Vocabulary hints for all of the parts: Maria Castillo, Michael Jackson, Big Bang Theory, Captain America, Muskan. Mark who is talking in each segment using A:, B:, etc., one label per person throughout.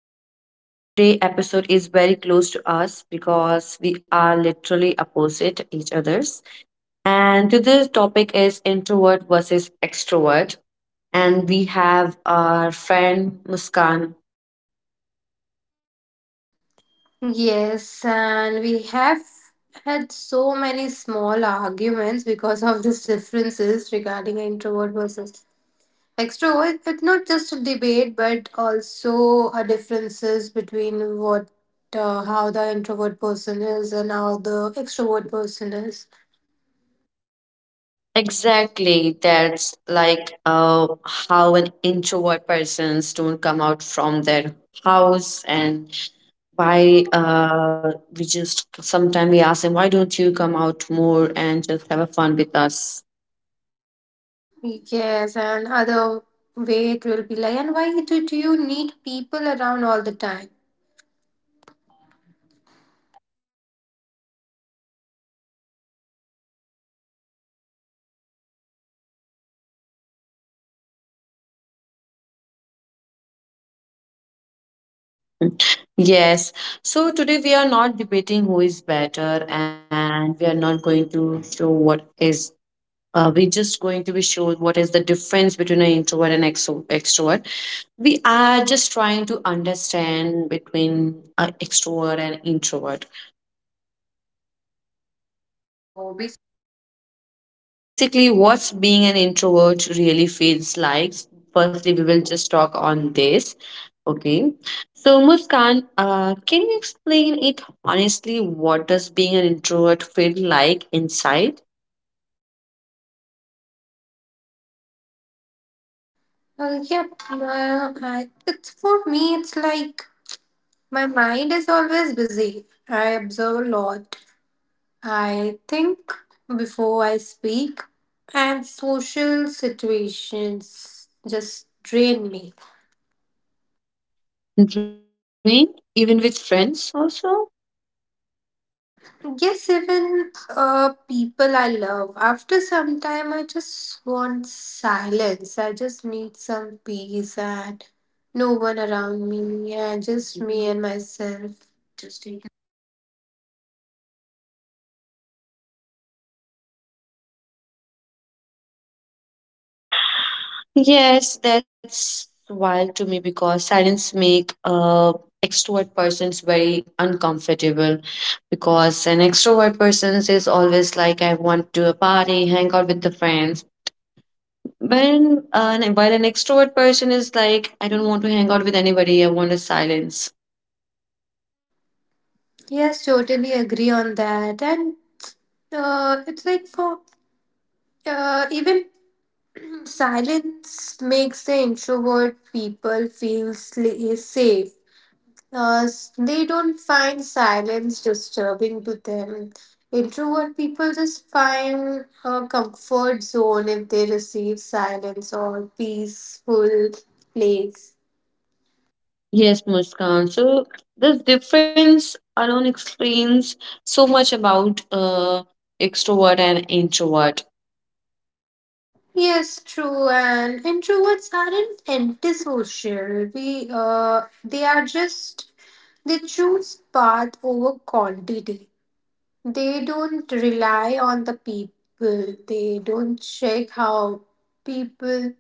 A: podcast. Today episode is very close to us because we are literally opposite each others. And today's topic is introvert versus extrovert. And we have our friend Muskan.
B: Yes, and we have had so many small arguments because of these differences regarding introvert versus extrovert. It's not just a debate, but also a differences between what how the introvert person is and how the extrovert person is.
A: Exactly. That's like how an introvert persons don't come out from their house, and why we just sometimes we ask them why don't you come out more and just have a fun with us.
B: Yes, and other way it will be like, and why did you need people around all the time?
A: Yes, so today we are not debating who is better, and we are not going to show what is we're just going to be show what is the difference between an introvert and extrovert. We are just trying to understand between extrovert and introvert.
B: So, we-
A: So basically what's being an introvert really feels like, firstly we will just talk on this. Okay, so muskan, can you explain it honestly what does being an introvert feel like inside?
B: yeah, it's for me, it's like my mind is always busy. I observe a lot. I think before I speak, and social situations just drain me.
A: And even with friends also.
B: Yes, even people I love. After some time, I just want silence. I just need some peace and no one around me, and just me and myself. Just take
A: Yes, that's wild to me because silence make extrovert persons very uncomfortable, because an extrovert person is always like I want to a party, hang out with the friends. When while an extrovert person is like I don't want to hang out with anybody, I want a silence.
B: yes, totally agree on that. And it's like for even silence makes the introvert people feel safe. They don't find silence disturbing to them. Introvert people just find a comfort zone if they receive silence or peaceful place.
A: Yes, Muskan. So this difference alone explains so much about extrovert and introvert.
B: Yes, true. And introverts aren't antisocial. We They are just they choose path over quantity. They don't rely on the people. They don't check how people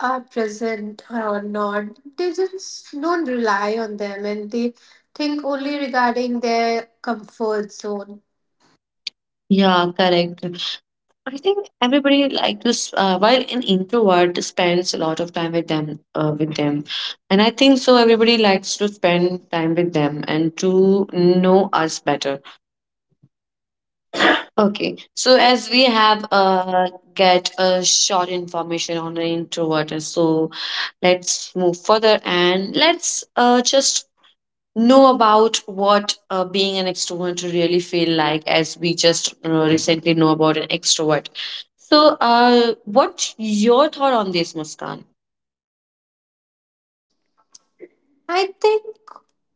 B: are present or not. They just don't rely on them and they think only regarding their comfort zone.
A: Yeah, correct. I think everybody like to, while an introvert spends a lot of time with them, with them, and I think so. Everybody likes to spend time with them and to know us better. Okay, so as we have get a short information on the introvert, and so let's move further, and let's just know about what being an extrovert really feel like, as we just recently know about an extrovert. So what your thought on this muskan?
B: I think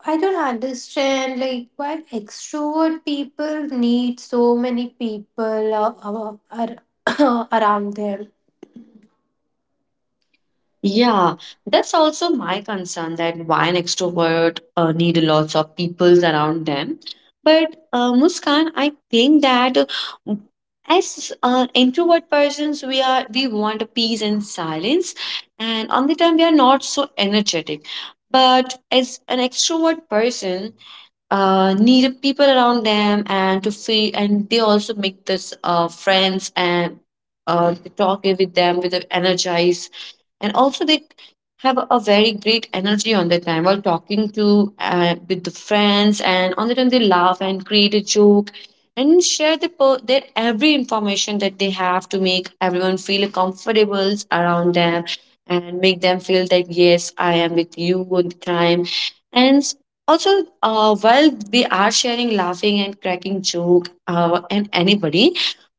B: I don't understand like why extrovert people need so many people around them.
A: Yeah,
B: Yeah,
A: that's also my concern that why an extrovert need lots of people around them. But Muskan, I think that as introvert persons, we want peace and silence, and on the time we are not so energetic. But as an extrovert person, need people around them and to feel, and they also make this friends, and they talk with them with the energize, and also they have a very great energy on the time while talking to with the friends, and on the time they laugh and create a joke, and share the their every information that they have to make everyone feel comfortable around them, and make them feel that yes I am with you all the time. And also, while we are sharing, laughing, and cracking joke, and anybody,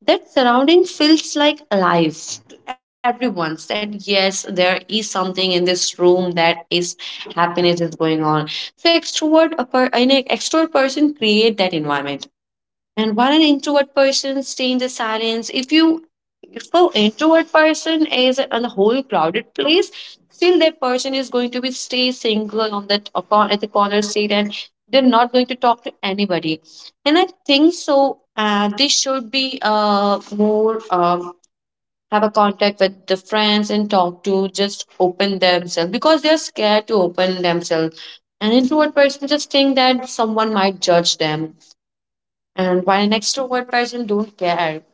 A: that surrounding feels like alive to everyone. That yes, there is something in this room that is happiness is going on. So extrovert, an extrovert person create that environment, and while an introvert person stay in the silence, if you if So introvert person is on a whole crowded place. Still, that person is going to be stay single on that at the corner seat, and they're not going to talk to anybody. And I think so. They should be more have a contact with the friends and talk to just open themselves because they're scared to open themselves. An introvert person just think that someone might judge them, and while an extrovert person don't care.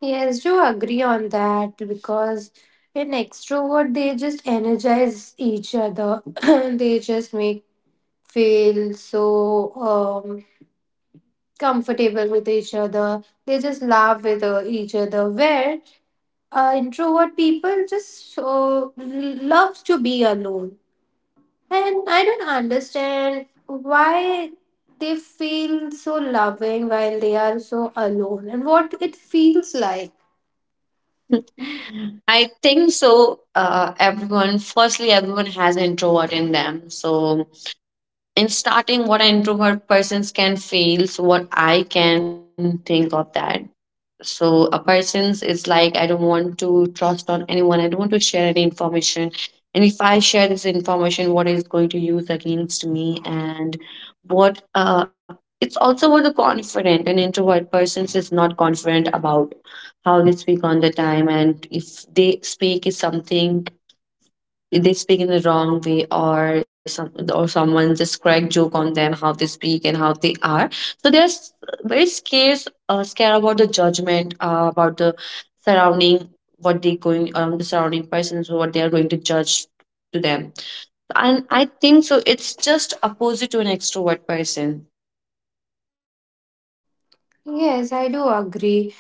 B: yes, do agree on that because in extrovert they just energize each other. They just make feel so um comfortable with each other. They just laugh with each other. Where introvert people just loves to be alone, and I don't understand why they feel so loving while they are so alone and what it feels like.
A: I think so. Everyone, firstly, everyone has introvert in them. So, in starting, what an introvert persons can feel, so what I can think of that, so a person's is like I don't want to trust on anyone, I don't want to share any information, and if I share this information what is going to use against me. And what uh, it's also what the confident. An introvert person is not confident about how they speak on the time, and if they speak is something they speak in the wrong way, or some or someone just crack joke on them how they speak and how they are. So they're very scared, scared about the judgment, about the surrounding, what they going around the surrounding persons what they are going to judge to them. And I think so it's just opposite to an extrovert person.
B: Yes, I do agree.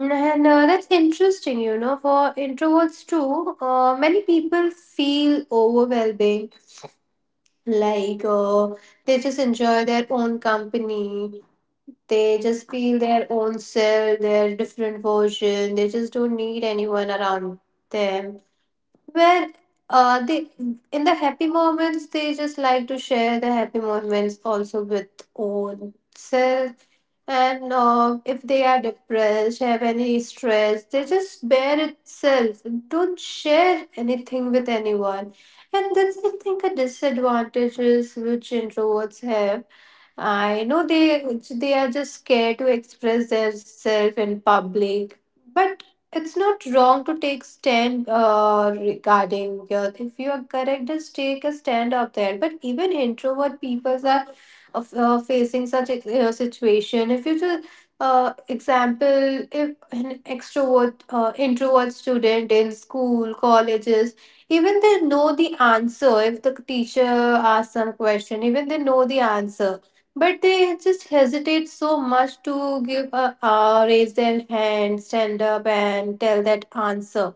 B: And that's interesting, you know, for introverts too. Many people feel overwhelming, like they just enjoy their own company, they just feel their own self, their different version, they just don't need anyone around them. Where they in the happy moments they just like to share the happy moments also with own self, and if they are depressed, have any stress, they just bear itself. Don't share anything with anyone, and that's I think a disadvantages which introverts have. I know they are just scared to express themselves in public, but it's not wrong to take stand regarding your. If you are correct, just take a stand up there. But even introvert people are facing such a situation. If you just example, if an extrovert introvert student in school colleges, even they know the answer. If the teacher asks some question, even they know the answer but they just hesitate so much to give a raise their hand stand up and tell that answer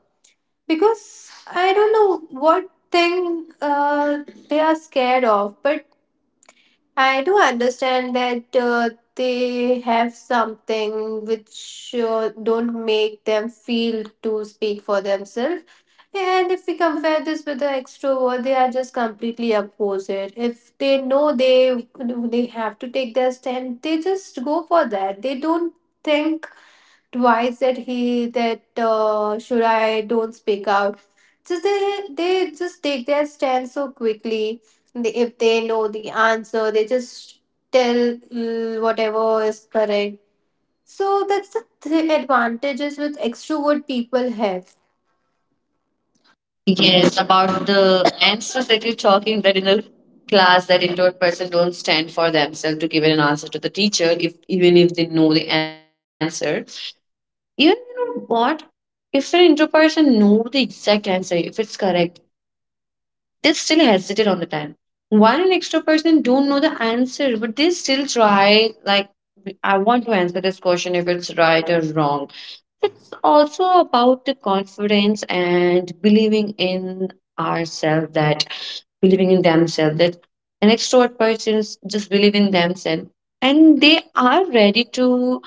B: because I don't know what thing uh, they are scared of. But I do understand that they have something which don't make them feel to speak for themselves. Yeah, and if we compare this with the extrovert, they are just completely opposite. If they know they have to take their stand, they just go for that. They don't think twice that he that should I don't speak out. Just they just take their stand so quickly. They, if they know the answer, they just tell mm, whatever is correct. So that's the advantages with extrovert people have.
A: Yes, about the answers that you're talking, that in the class that introvert person don't stand for themselves to give an answer to the teacher, if even if they know the answer. Even you know what? If an intro person know the exact answer, if it's correct, they still hesitate on the time. While an extra person don't know the answer, but they still try like I want to answer this question if it's right or wrong. It's also about the confidence and believing in ourselves, that believing in themselves that an extrovert person just believe in themselves, and they are ready to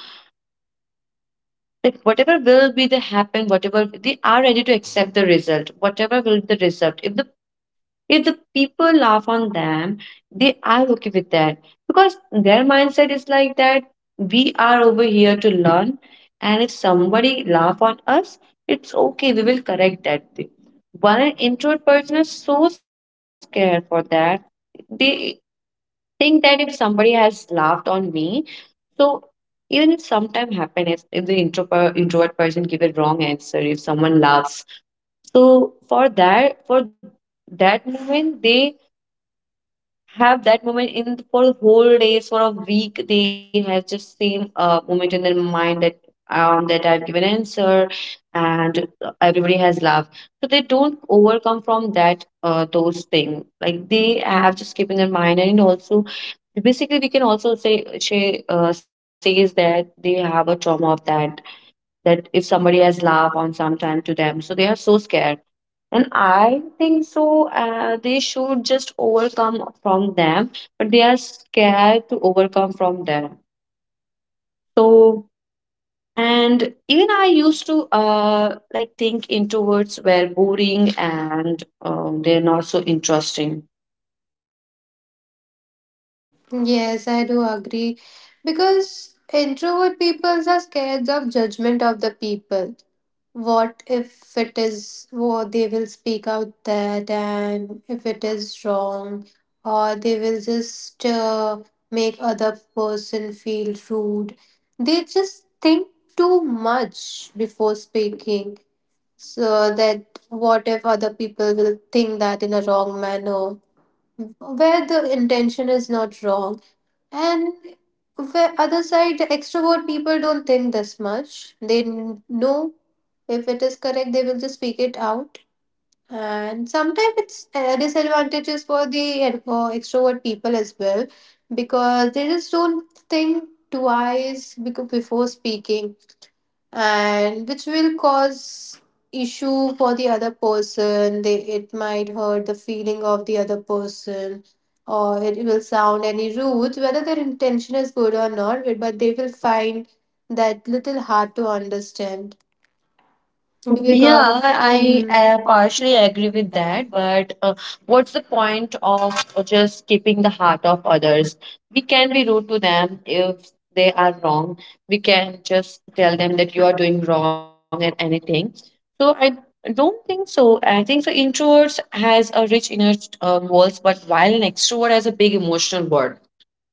A: that whatever will be the happen, whatever they are ready to accept the result, whatever will be the result, if the people laugh on them, they are okay with that, because their mindset is like that we are over here to learn, and if somebody laugh on us, it's okay we will correct that thing. While an introvert person is so scared for that, they think that if somebody has laughed on me, so even if sometime happiness, if the introvert person give a wrong answer, if someone laughs, so for that moment, they have that moment in for the whole days for a week, they have just same moment in their mind, that that I've given answer, and everybody has laughed. So they don't overcome from that those things, like they have just keep in their mind. And also basically we can also says that they have a trauma of that, that if somebody has laughed on sometime to them, so they are so scared. And I think so, they should just overcome from them, but they are scared to overcome from them. So, and even I used to like think introverts were boring and they're not so interesting.
B: Yes, I do agree. Because introvert peoples are scared of judgment of the people. What if it is what they will speak out that and if it is wrong or they will just make other person feel rude. They just think too much before speaking. So that what if other people will think that in a wrong manner where the intention is not wrong. And the other side, the extrovert people don't think this much. They know if it is correct, they will just speak it out. And sometimes it's disadvantages for extrovert people as well because they just don't think twice before speaking, and which will cause issue for the other person. They it might hurt the feeling of the other person or it will sound any rude whether their intention is good or not, but they will find that little hard to understand because
A: Yeah,
B: yeah,
A: I
B: mhm, and I partially
A: partially
B: agree
A: agree
B: with
A: with
B: that.
A: that.
B: But
A: But what's the point of just skipping the heart of others? We can be rude to them if they are wrong. We can just tell them that you are doing wrong and anything. So I don't think so. I think so. Introverts has a rich inner walls, but while an extrovert has a big emotional world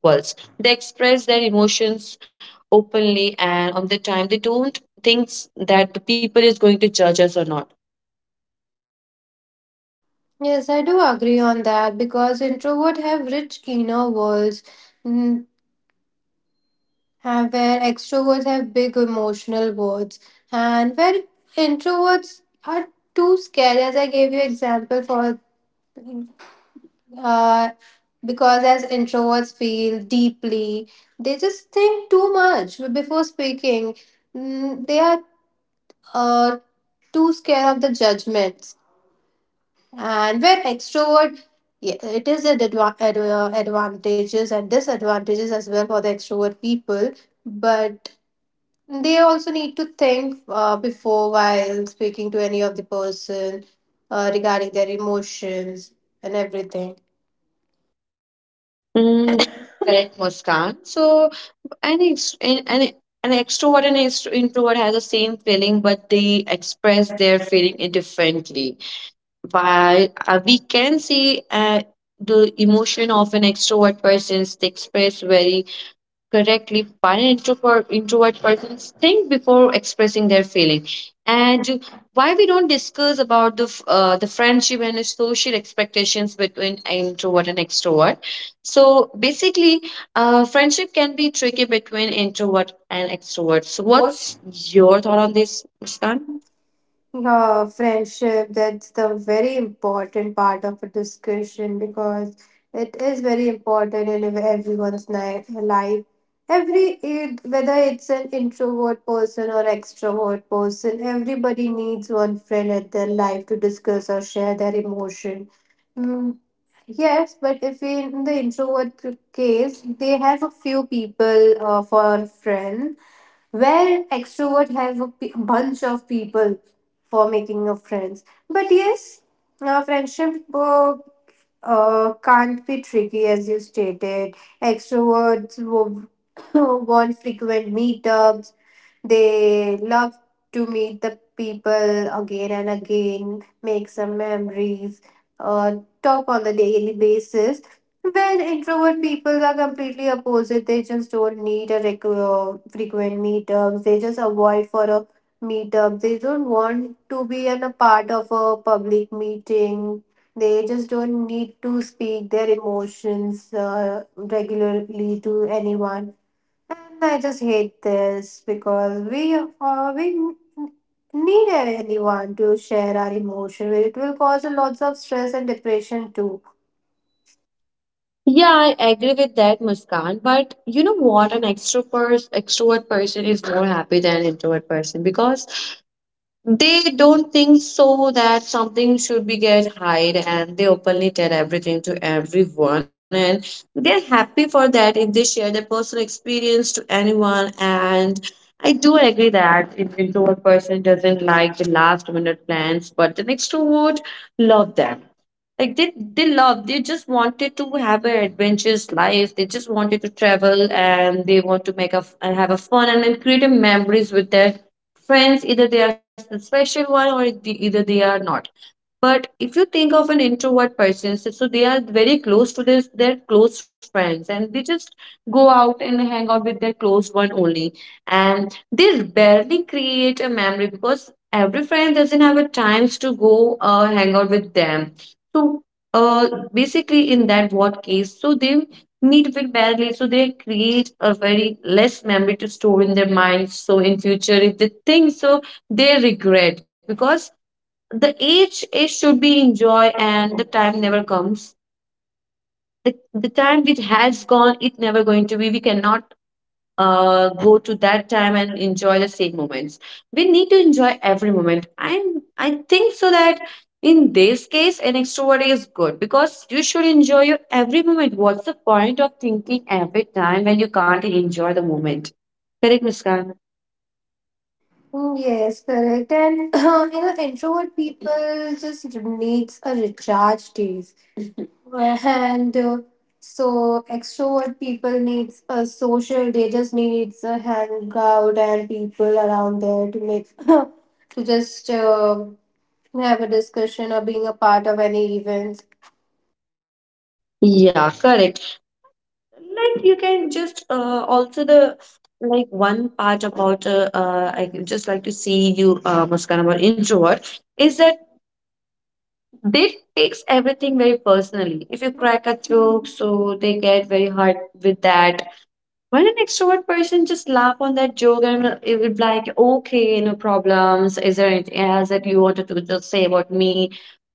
A: worlds. They express their emotions openly, and on the time, they don't think that the people is going to judge us or not.
B: yes, I do agree on that because introvert have rich inner worlds. Mm, where extroverts have big emotional words, and where introverts are too scared as I gave you example for uh, because as introverts feel deeply they just think too much before speaking. Mm, they are uh, too scared of the judgments. And where extrovert yeah, it is a advantages and disadvantages as well for the extrovert people, but they also need to think before while speaking to any of the person regarding their emotions and everything.
A: Mm, Correct, Muskan. So, an ex- an extrovert and introvert has the same feeling, but they express their feeling differently. While we can see the emotion of an extrovert person is expressed very correctly, but an introvert persons think before expressing their feeling. And why we don't discuss about the the friendship and the social expectations between introvert and extrovert? So basically friendship can be tricky between introvert and extrovert, so
B: So what's
A: what's your thought on this Muskan?
B: done? Friendship, that's the very important part of a discussion because it is very important in everyone's life. every Whether it's an introvert person or extrovert person, everybody needs one friend at their life to discuss or share their emotion. Mm, yes, but if in the introvert case, they have a few people for friends, where extrovert have bunch of people for making of friends. But yes, friendship can't be tricky as you stated. Extroverts want frequent meetups. They love to meet the people again and again, make some memories, uh, talk on the daily basis. When introvert people are completely opposite, they just don't need a frequent meetups. They just avoid for a meetup. They don't want to be in a part of a public meeting. They just don't need to speak their emotions regularly to anyone. And I just hate this because we need anyone to share our emotion. It will cause a lots of stress and depression too.
A: Yeah, I agree with that, Muskan. But you know what? An extrovert person is more happy than an introvert person, because they don't think so that something should be get hide, and they openly tell everything to everyone, and they're happy for that if they share their personal experience to anyone. And I do agree that if introvert person doesn't like the last minute plans, but the extrovert love them. Like they love, they just wanted to have an adventurous life. They just wanted to travel, and they want to make and have a fun, and then create a memories with their friends. Either they are the special one or the, either they are not. But if you think of an introvert person, so so they are very close to this, their close friends, and they just go out and hang out with their close one only. And they barely create a memory because every friend doesn't have a times to go hang out with them. So uh, basically, in that what case, so they meet with barely, so they create a very less memory to store in their minds. So in future, if they think so, they regret because the age it should be enjoy and the time never comes the time which has gone it never going to be we cannot go to that time and enjoy the same moments. We need to enjoy every moment. I think so that in this case an extrovert is good because you should enjoy your every moment. What's the point of thinking every time when you can't enjoy the moment? Correct, Muskan.
B: Mm, yes, correct. And you know, introvert people just needs a recharge days, and so extrovert people needs a social. They just needs a hangout and people around there to make to just. Have a discussion or being a part of any events.
A: Yeah, correct. Like you can just also the like one part about I would just like to see you Muskan about introvert is that they takes everything very personally. If you crack a joke, so they get very hard with that. Well, an extrovert person just laugh on that joke and it would be like, okay, no problems. Is there anything else that you wanted to just say about me?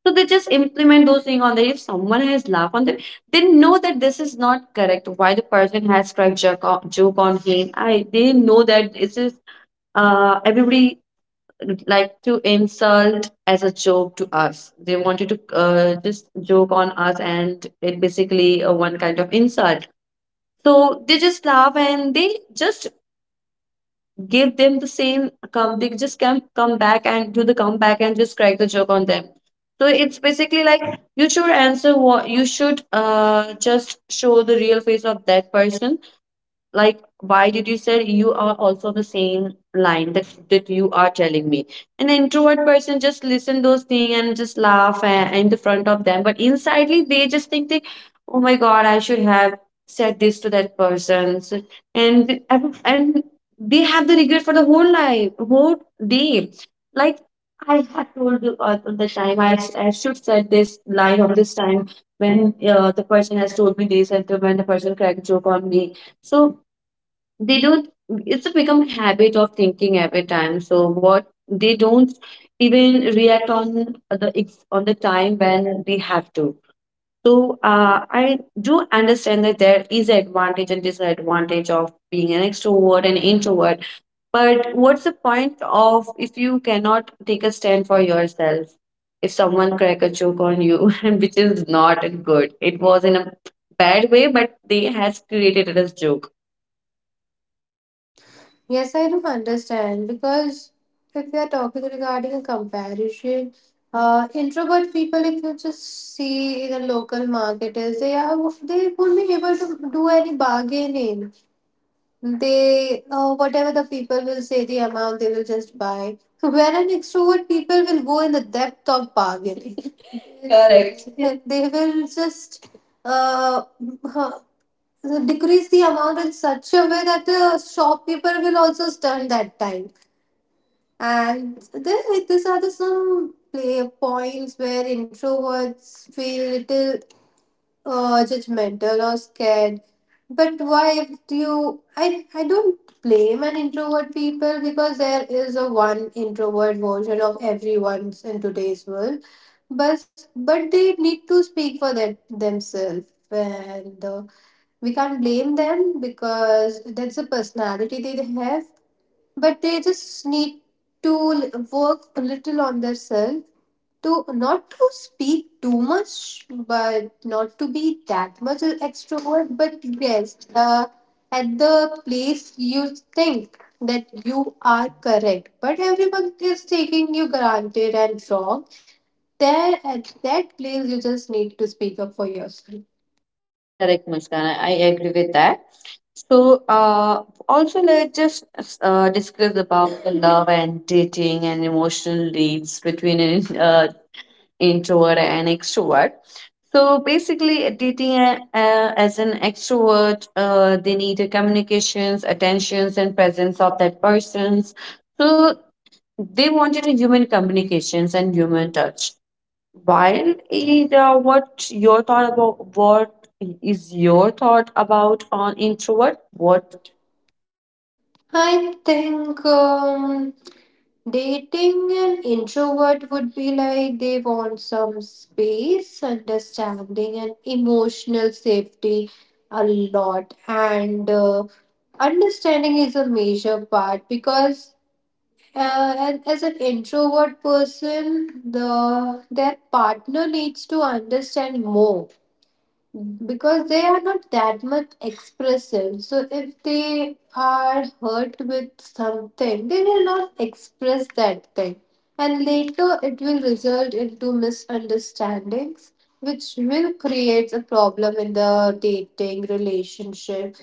A: So they just implement those things on there. If someone has laughed on them, they know that this is not correct. Why the person has cracked joke on, joke on him? I they know that this is everybody like to insult as a joke to us. They wanted to just joke on us, and it basically one kind of insult. So they just laugh and they just give them the same come they just come back and do the comeback and just crack the joke on them. So it's basically like you should answer what you should just show the real face of that person, like why did you say you are also the same line that you are telling me. An introvert person just listen those things and just laugh and, in the front of them, but insidely they just think they oh my god I should have said this to that person. So, and and they have the regret for the whole life whole day like I had told you all the time. I should said this line on this time when the person has told me this and when the person cracked joke on me. So they don't it's a become a habit of thinking every time so what they don't even react on the on the time when they have to. So I do understand that there is an advantage and disadvantage of being an extrovert and introvert, but what's the point of if you cannot take a stand for yourself if someone crack a joke on you which is not good. It was in a bad way, but they has created it as joke.
B: Yes, I do understand because if we are talking regarding a comparison, introvert people, if you just see in a local market, is they won't be able to do any bargaining. They whatever the people will say the amount they will just buy. Whereas extrovert people will go in the depth of bargaining.
A: Correct.
B: Correct. They will just uh, so, decrease the amount in such a way that the shopkeeper will also stun that time. And there, these are the some play points where introverts feel little judgmental or scared. But why if you I don't blame an introvert people because there is a one introvert version of everyone's in today's world. But they need to speak for that themselves. And we can't blame them because that's the personality they have, but they just need to work a little on themselves to not to speak too much but not to be that much a extrovert. But yes, at the place you think that you are correct but everyone is taking you granted and wrong, there at that place you just need to speak up for yourself.
A: Correct, Muskan. I agree with that. So, also let's just discuss about the love and dating and emotional needs between an introvert and extrovert. So, basically, dating as an extrovert, they need a communications, attentions, and presence of that persons. So, they wanted a human communications and human touch. Wild is what your thought about what is your thought about on introvert? What?
B: What? I think dating an introvert would be like they want some space, understanding, and emotional safety a lot. And understanding is a major part because. And as an introvert person, the their partner needs to understand more because they are not that much expressive. So if they are hurt with something, they will not express that thing. And later it will result into misunderstandings, which will create a problem in the dating relationship.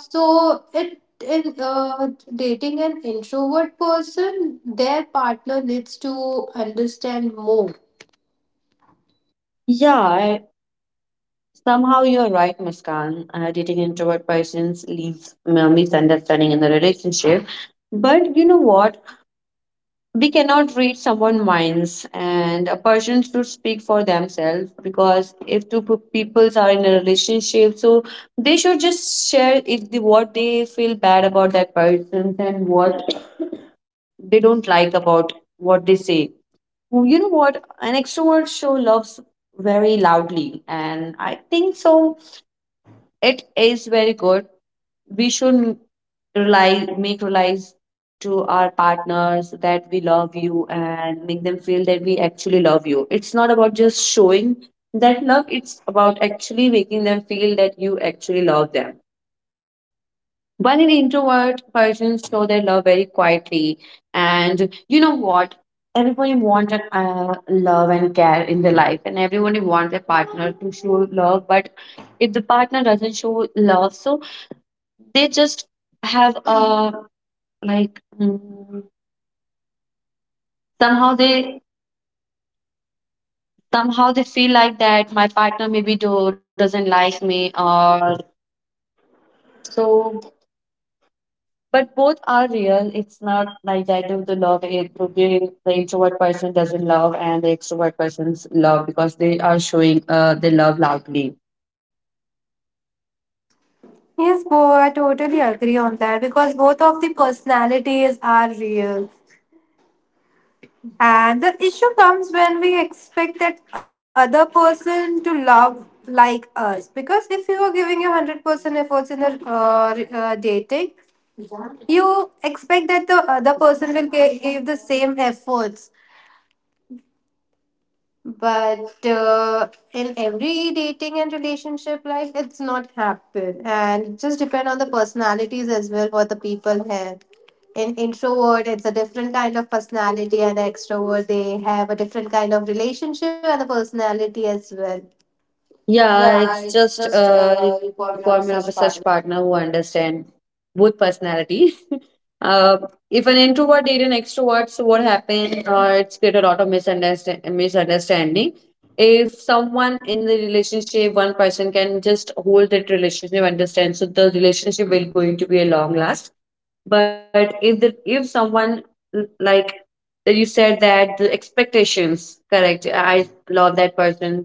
B: So it in dating an introvert person, their partner needs to understand more.
A: Yeah, somehow you're right, Muskan. Dating introvert persons leaves misunderstanding in the relationship. But you know what? We cannot read someone's minds, and a person should speak for themselves because if two people are in a relationship, so they should just share if the, what they feel bad about that person and what they don't like about what they say. Well, you know what? An extrovert show loves very loudly, and I think so. It is very good. We should rely make realize to our partners that we love you and make them feel that we actually love you. It's not about just showing that love, it's about actually making them feel that you actually love them. While an introvert persons show their love very quietly, and you know what? Everybody wants love and care in their life, and everybody wants their partner to show love. But if the partner doesn't show love, so they just have a like somehow they somehow they feel like that my partner maybe doesn't like me or so. But both are real. It's not like negative the love it. To the introvert person doesn't love, and the extrovert persons love because they are showing they love loudly.
B: Yes, Bo, I totally agree on that because both of the personalities are real. And the issue comes when we expect that other person to love like us. Because if you are giving your 100% efforts in a dating, you expect that the other person will give the same efforts. But in every dating and relationship life it's not happen and it just depend on the personalities as well what the people have. In introvert it's a different kind of personality, and extrovert they have a different kind of relationship and the personality as well.
A: Yeah,
B: Yeah,
A: it's
B: it's
A: just
B: just
A: a
B: important
A: requirement
B: got to
A: of a
B: have
A: such
B: such
A: partner
B: part.
A: who understand both personality. uh, if an introvert date an extrovert, so what happened? It's create a lot of misunderstanding. If someone in the relationship, one person can just hold that relationship, understand, so the relationship will going to be a long last. But if the if someone like that you said that the expectations correct I love that person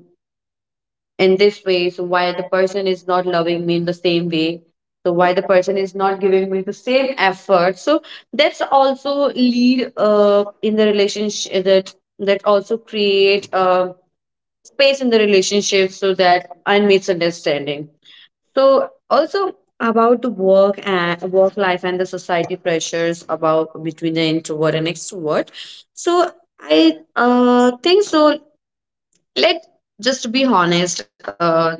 A: in this way, so why the person is not loving me in the same way, so why the person is not giving me the same effort? So that's also lead in the relationship that that also create space in the relationship so that and misunderstanding. So also about the work and work life and the society pressures about between the introvert and extrovert. So I think so let just be honest that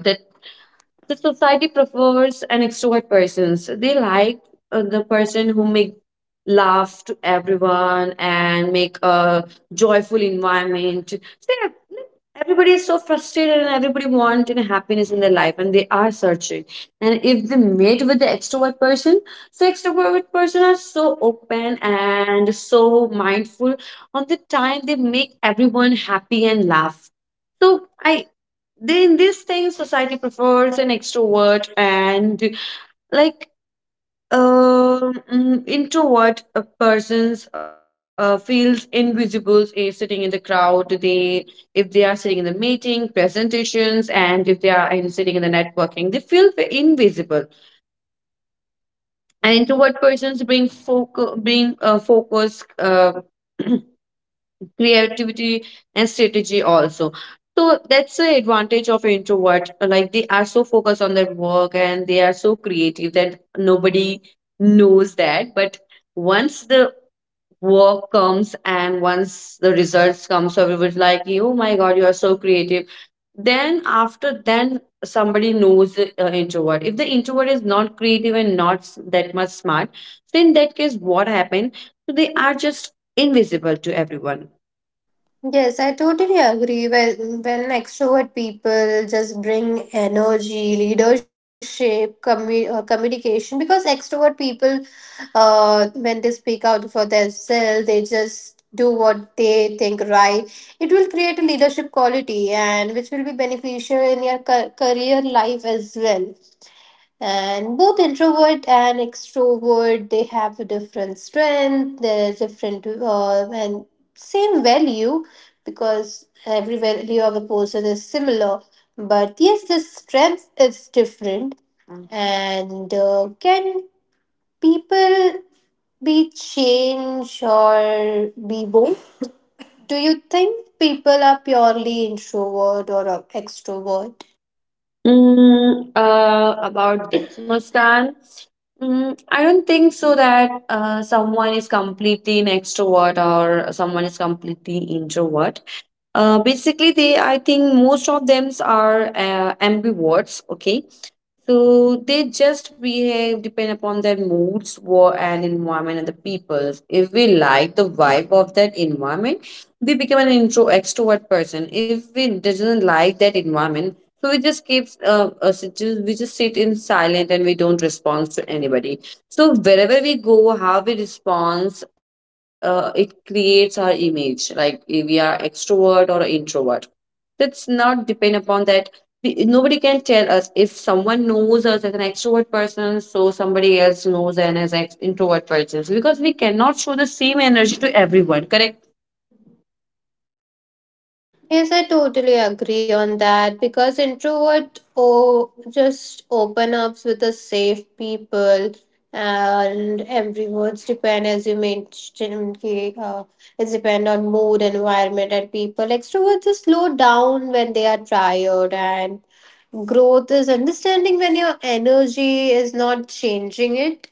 A: the society prefers an extrovert person. So they like the person who make laugh to everyone and make a joyful environment. So yeah, like, everybody is so frustrated and everybody want you know, happiness in their life and they are searching. And if they meet with the extrovert person, so extrovert person are so open and so mindful on the time they make everyone happy and laugh. So I then in this thing society prefers an extrovert and like introvert persons feels invisible sitting in the crowd they if they are sitting in the meeting presentations and if they are in, sitting in the networking they feel invisible. And introvert persons bring focus creativity and strategy also. So that's the advantage of introvert, like they are so focused on their work and they are so creative that nobody knows that. But once the work comes and once the results come, so everyone's like oh my god you are so creative. Then after then somebody knows the introvert. If the introvert is not creative and not that much smart, then in that case what happened? So they are just invisible to everyone.
B: Yes, I totally agree. Well, when extrovert people just bring energy, leadership, communication, because extrovert people, when they speak out for themselves, they just do what they think right. It will create a leadership quality and which will be beneficial in your career life as well. And both introvert and extrovert they have a different strength, they're different and same value because every value of a person is similar, but yes the strength is different. And can people be change or be both? Do you think people are purely introvert or extrovert?
A: Mm, about this Muskan, I don't think so that someone is completely an extrovert or someone is completely introvert. Basically, they I think most of them are ambiverts. Okay, so they just behave depend upon their moods, war and environment and the peoples. If we like the vibe of that environment, we become an intro extrovert person. If we doesn't like that environment, so we just keep we just sit in silent and we don't respond to anybody. So wherever we go, how we respond, it creates our image, like if we are extrovert or introvert. That's not depend upon that. Nobody can tell us if someone knows us as an extrovert person, so somebody else knows and as an introvert person because we cannot show the same energy to everyone. Correct?
B: Yes, I totally agree on that because introvert oh just open up with the safe people, and everyone's depend as you mentioned it's depend on mood, environment and people. Extroverts just slow down when they are tired and growth is understanding when your energy is not changing it.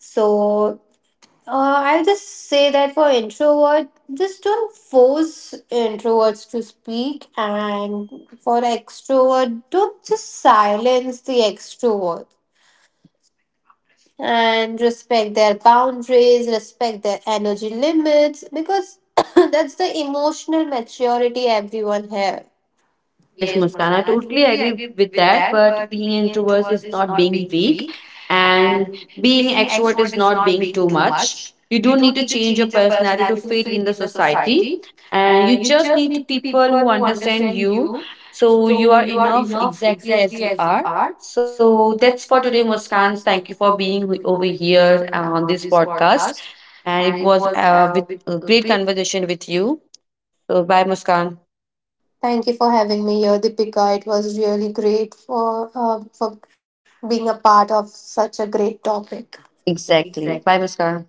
B: So I'll just say that for introvert, just don't force introverts to speak, and for extrovert, don't just silence the extrovert, and respect their boundaries, respect their energy limits, because that's the emotional maturity everyone has.
A: Yes,
B: Yes,
A: Muskan, I
B: Muskan, I
A: totally
B: totally
A: agree
B: agree
A: with
B: with
A: that.
B: that.
A: But
B: But
A: being
B: being
A: introverts
B: introvert
A: is
B: is
A: not
B: not
A: being
B: being
A: weak,
B: weak,
A: and
B: and
A: being
B: being
A: extrovert
B: extrovert
A: is
B: is
A: not
B: not
A: being
B: being
A: too
B: too
A: much.
B: much.
A: You
B: You
A: don't need
B: don't
A: to
B: need to
A: change your
B: change your
A: personality to
B: personality to
A: fit
B: fit
A: in the
B: in the
A: society,
B: society,
A: and you
B: and you
A: just
B: just
A: need
B: need to
A: people
B: people
A: who
B: who
A: understand
B: understand
A: you.
B: you.
A: So
B: So
A: you are
B: you are
A: enough
B: enough
A: exactly
B: exactly
A: as you
B: as you
A: are.
B: are.
A: So
B: So
A: that's
B: that's
A: for
B: for
A: today,
B: today,
A: Muskan.
B: Muskan.
A: Thank you
B: Thank you
A: for
B: for
A: being
B: being
A: over
B: over
A: here
B: here
A: on
B: on
A: this
B: this
A: podcast,
B: podcast,
A: and it
B: and it
A: was
B: was
A: with
B: with
A: a great
B: great.
A: conversation with you. So bye, Muskan.
B: Thank you for having me here, Deepika. It was really great for being a part of such a great topic.
A: Exactly. Bye, Muskan.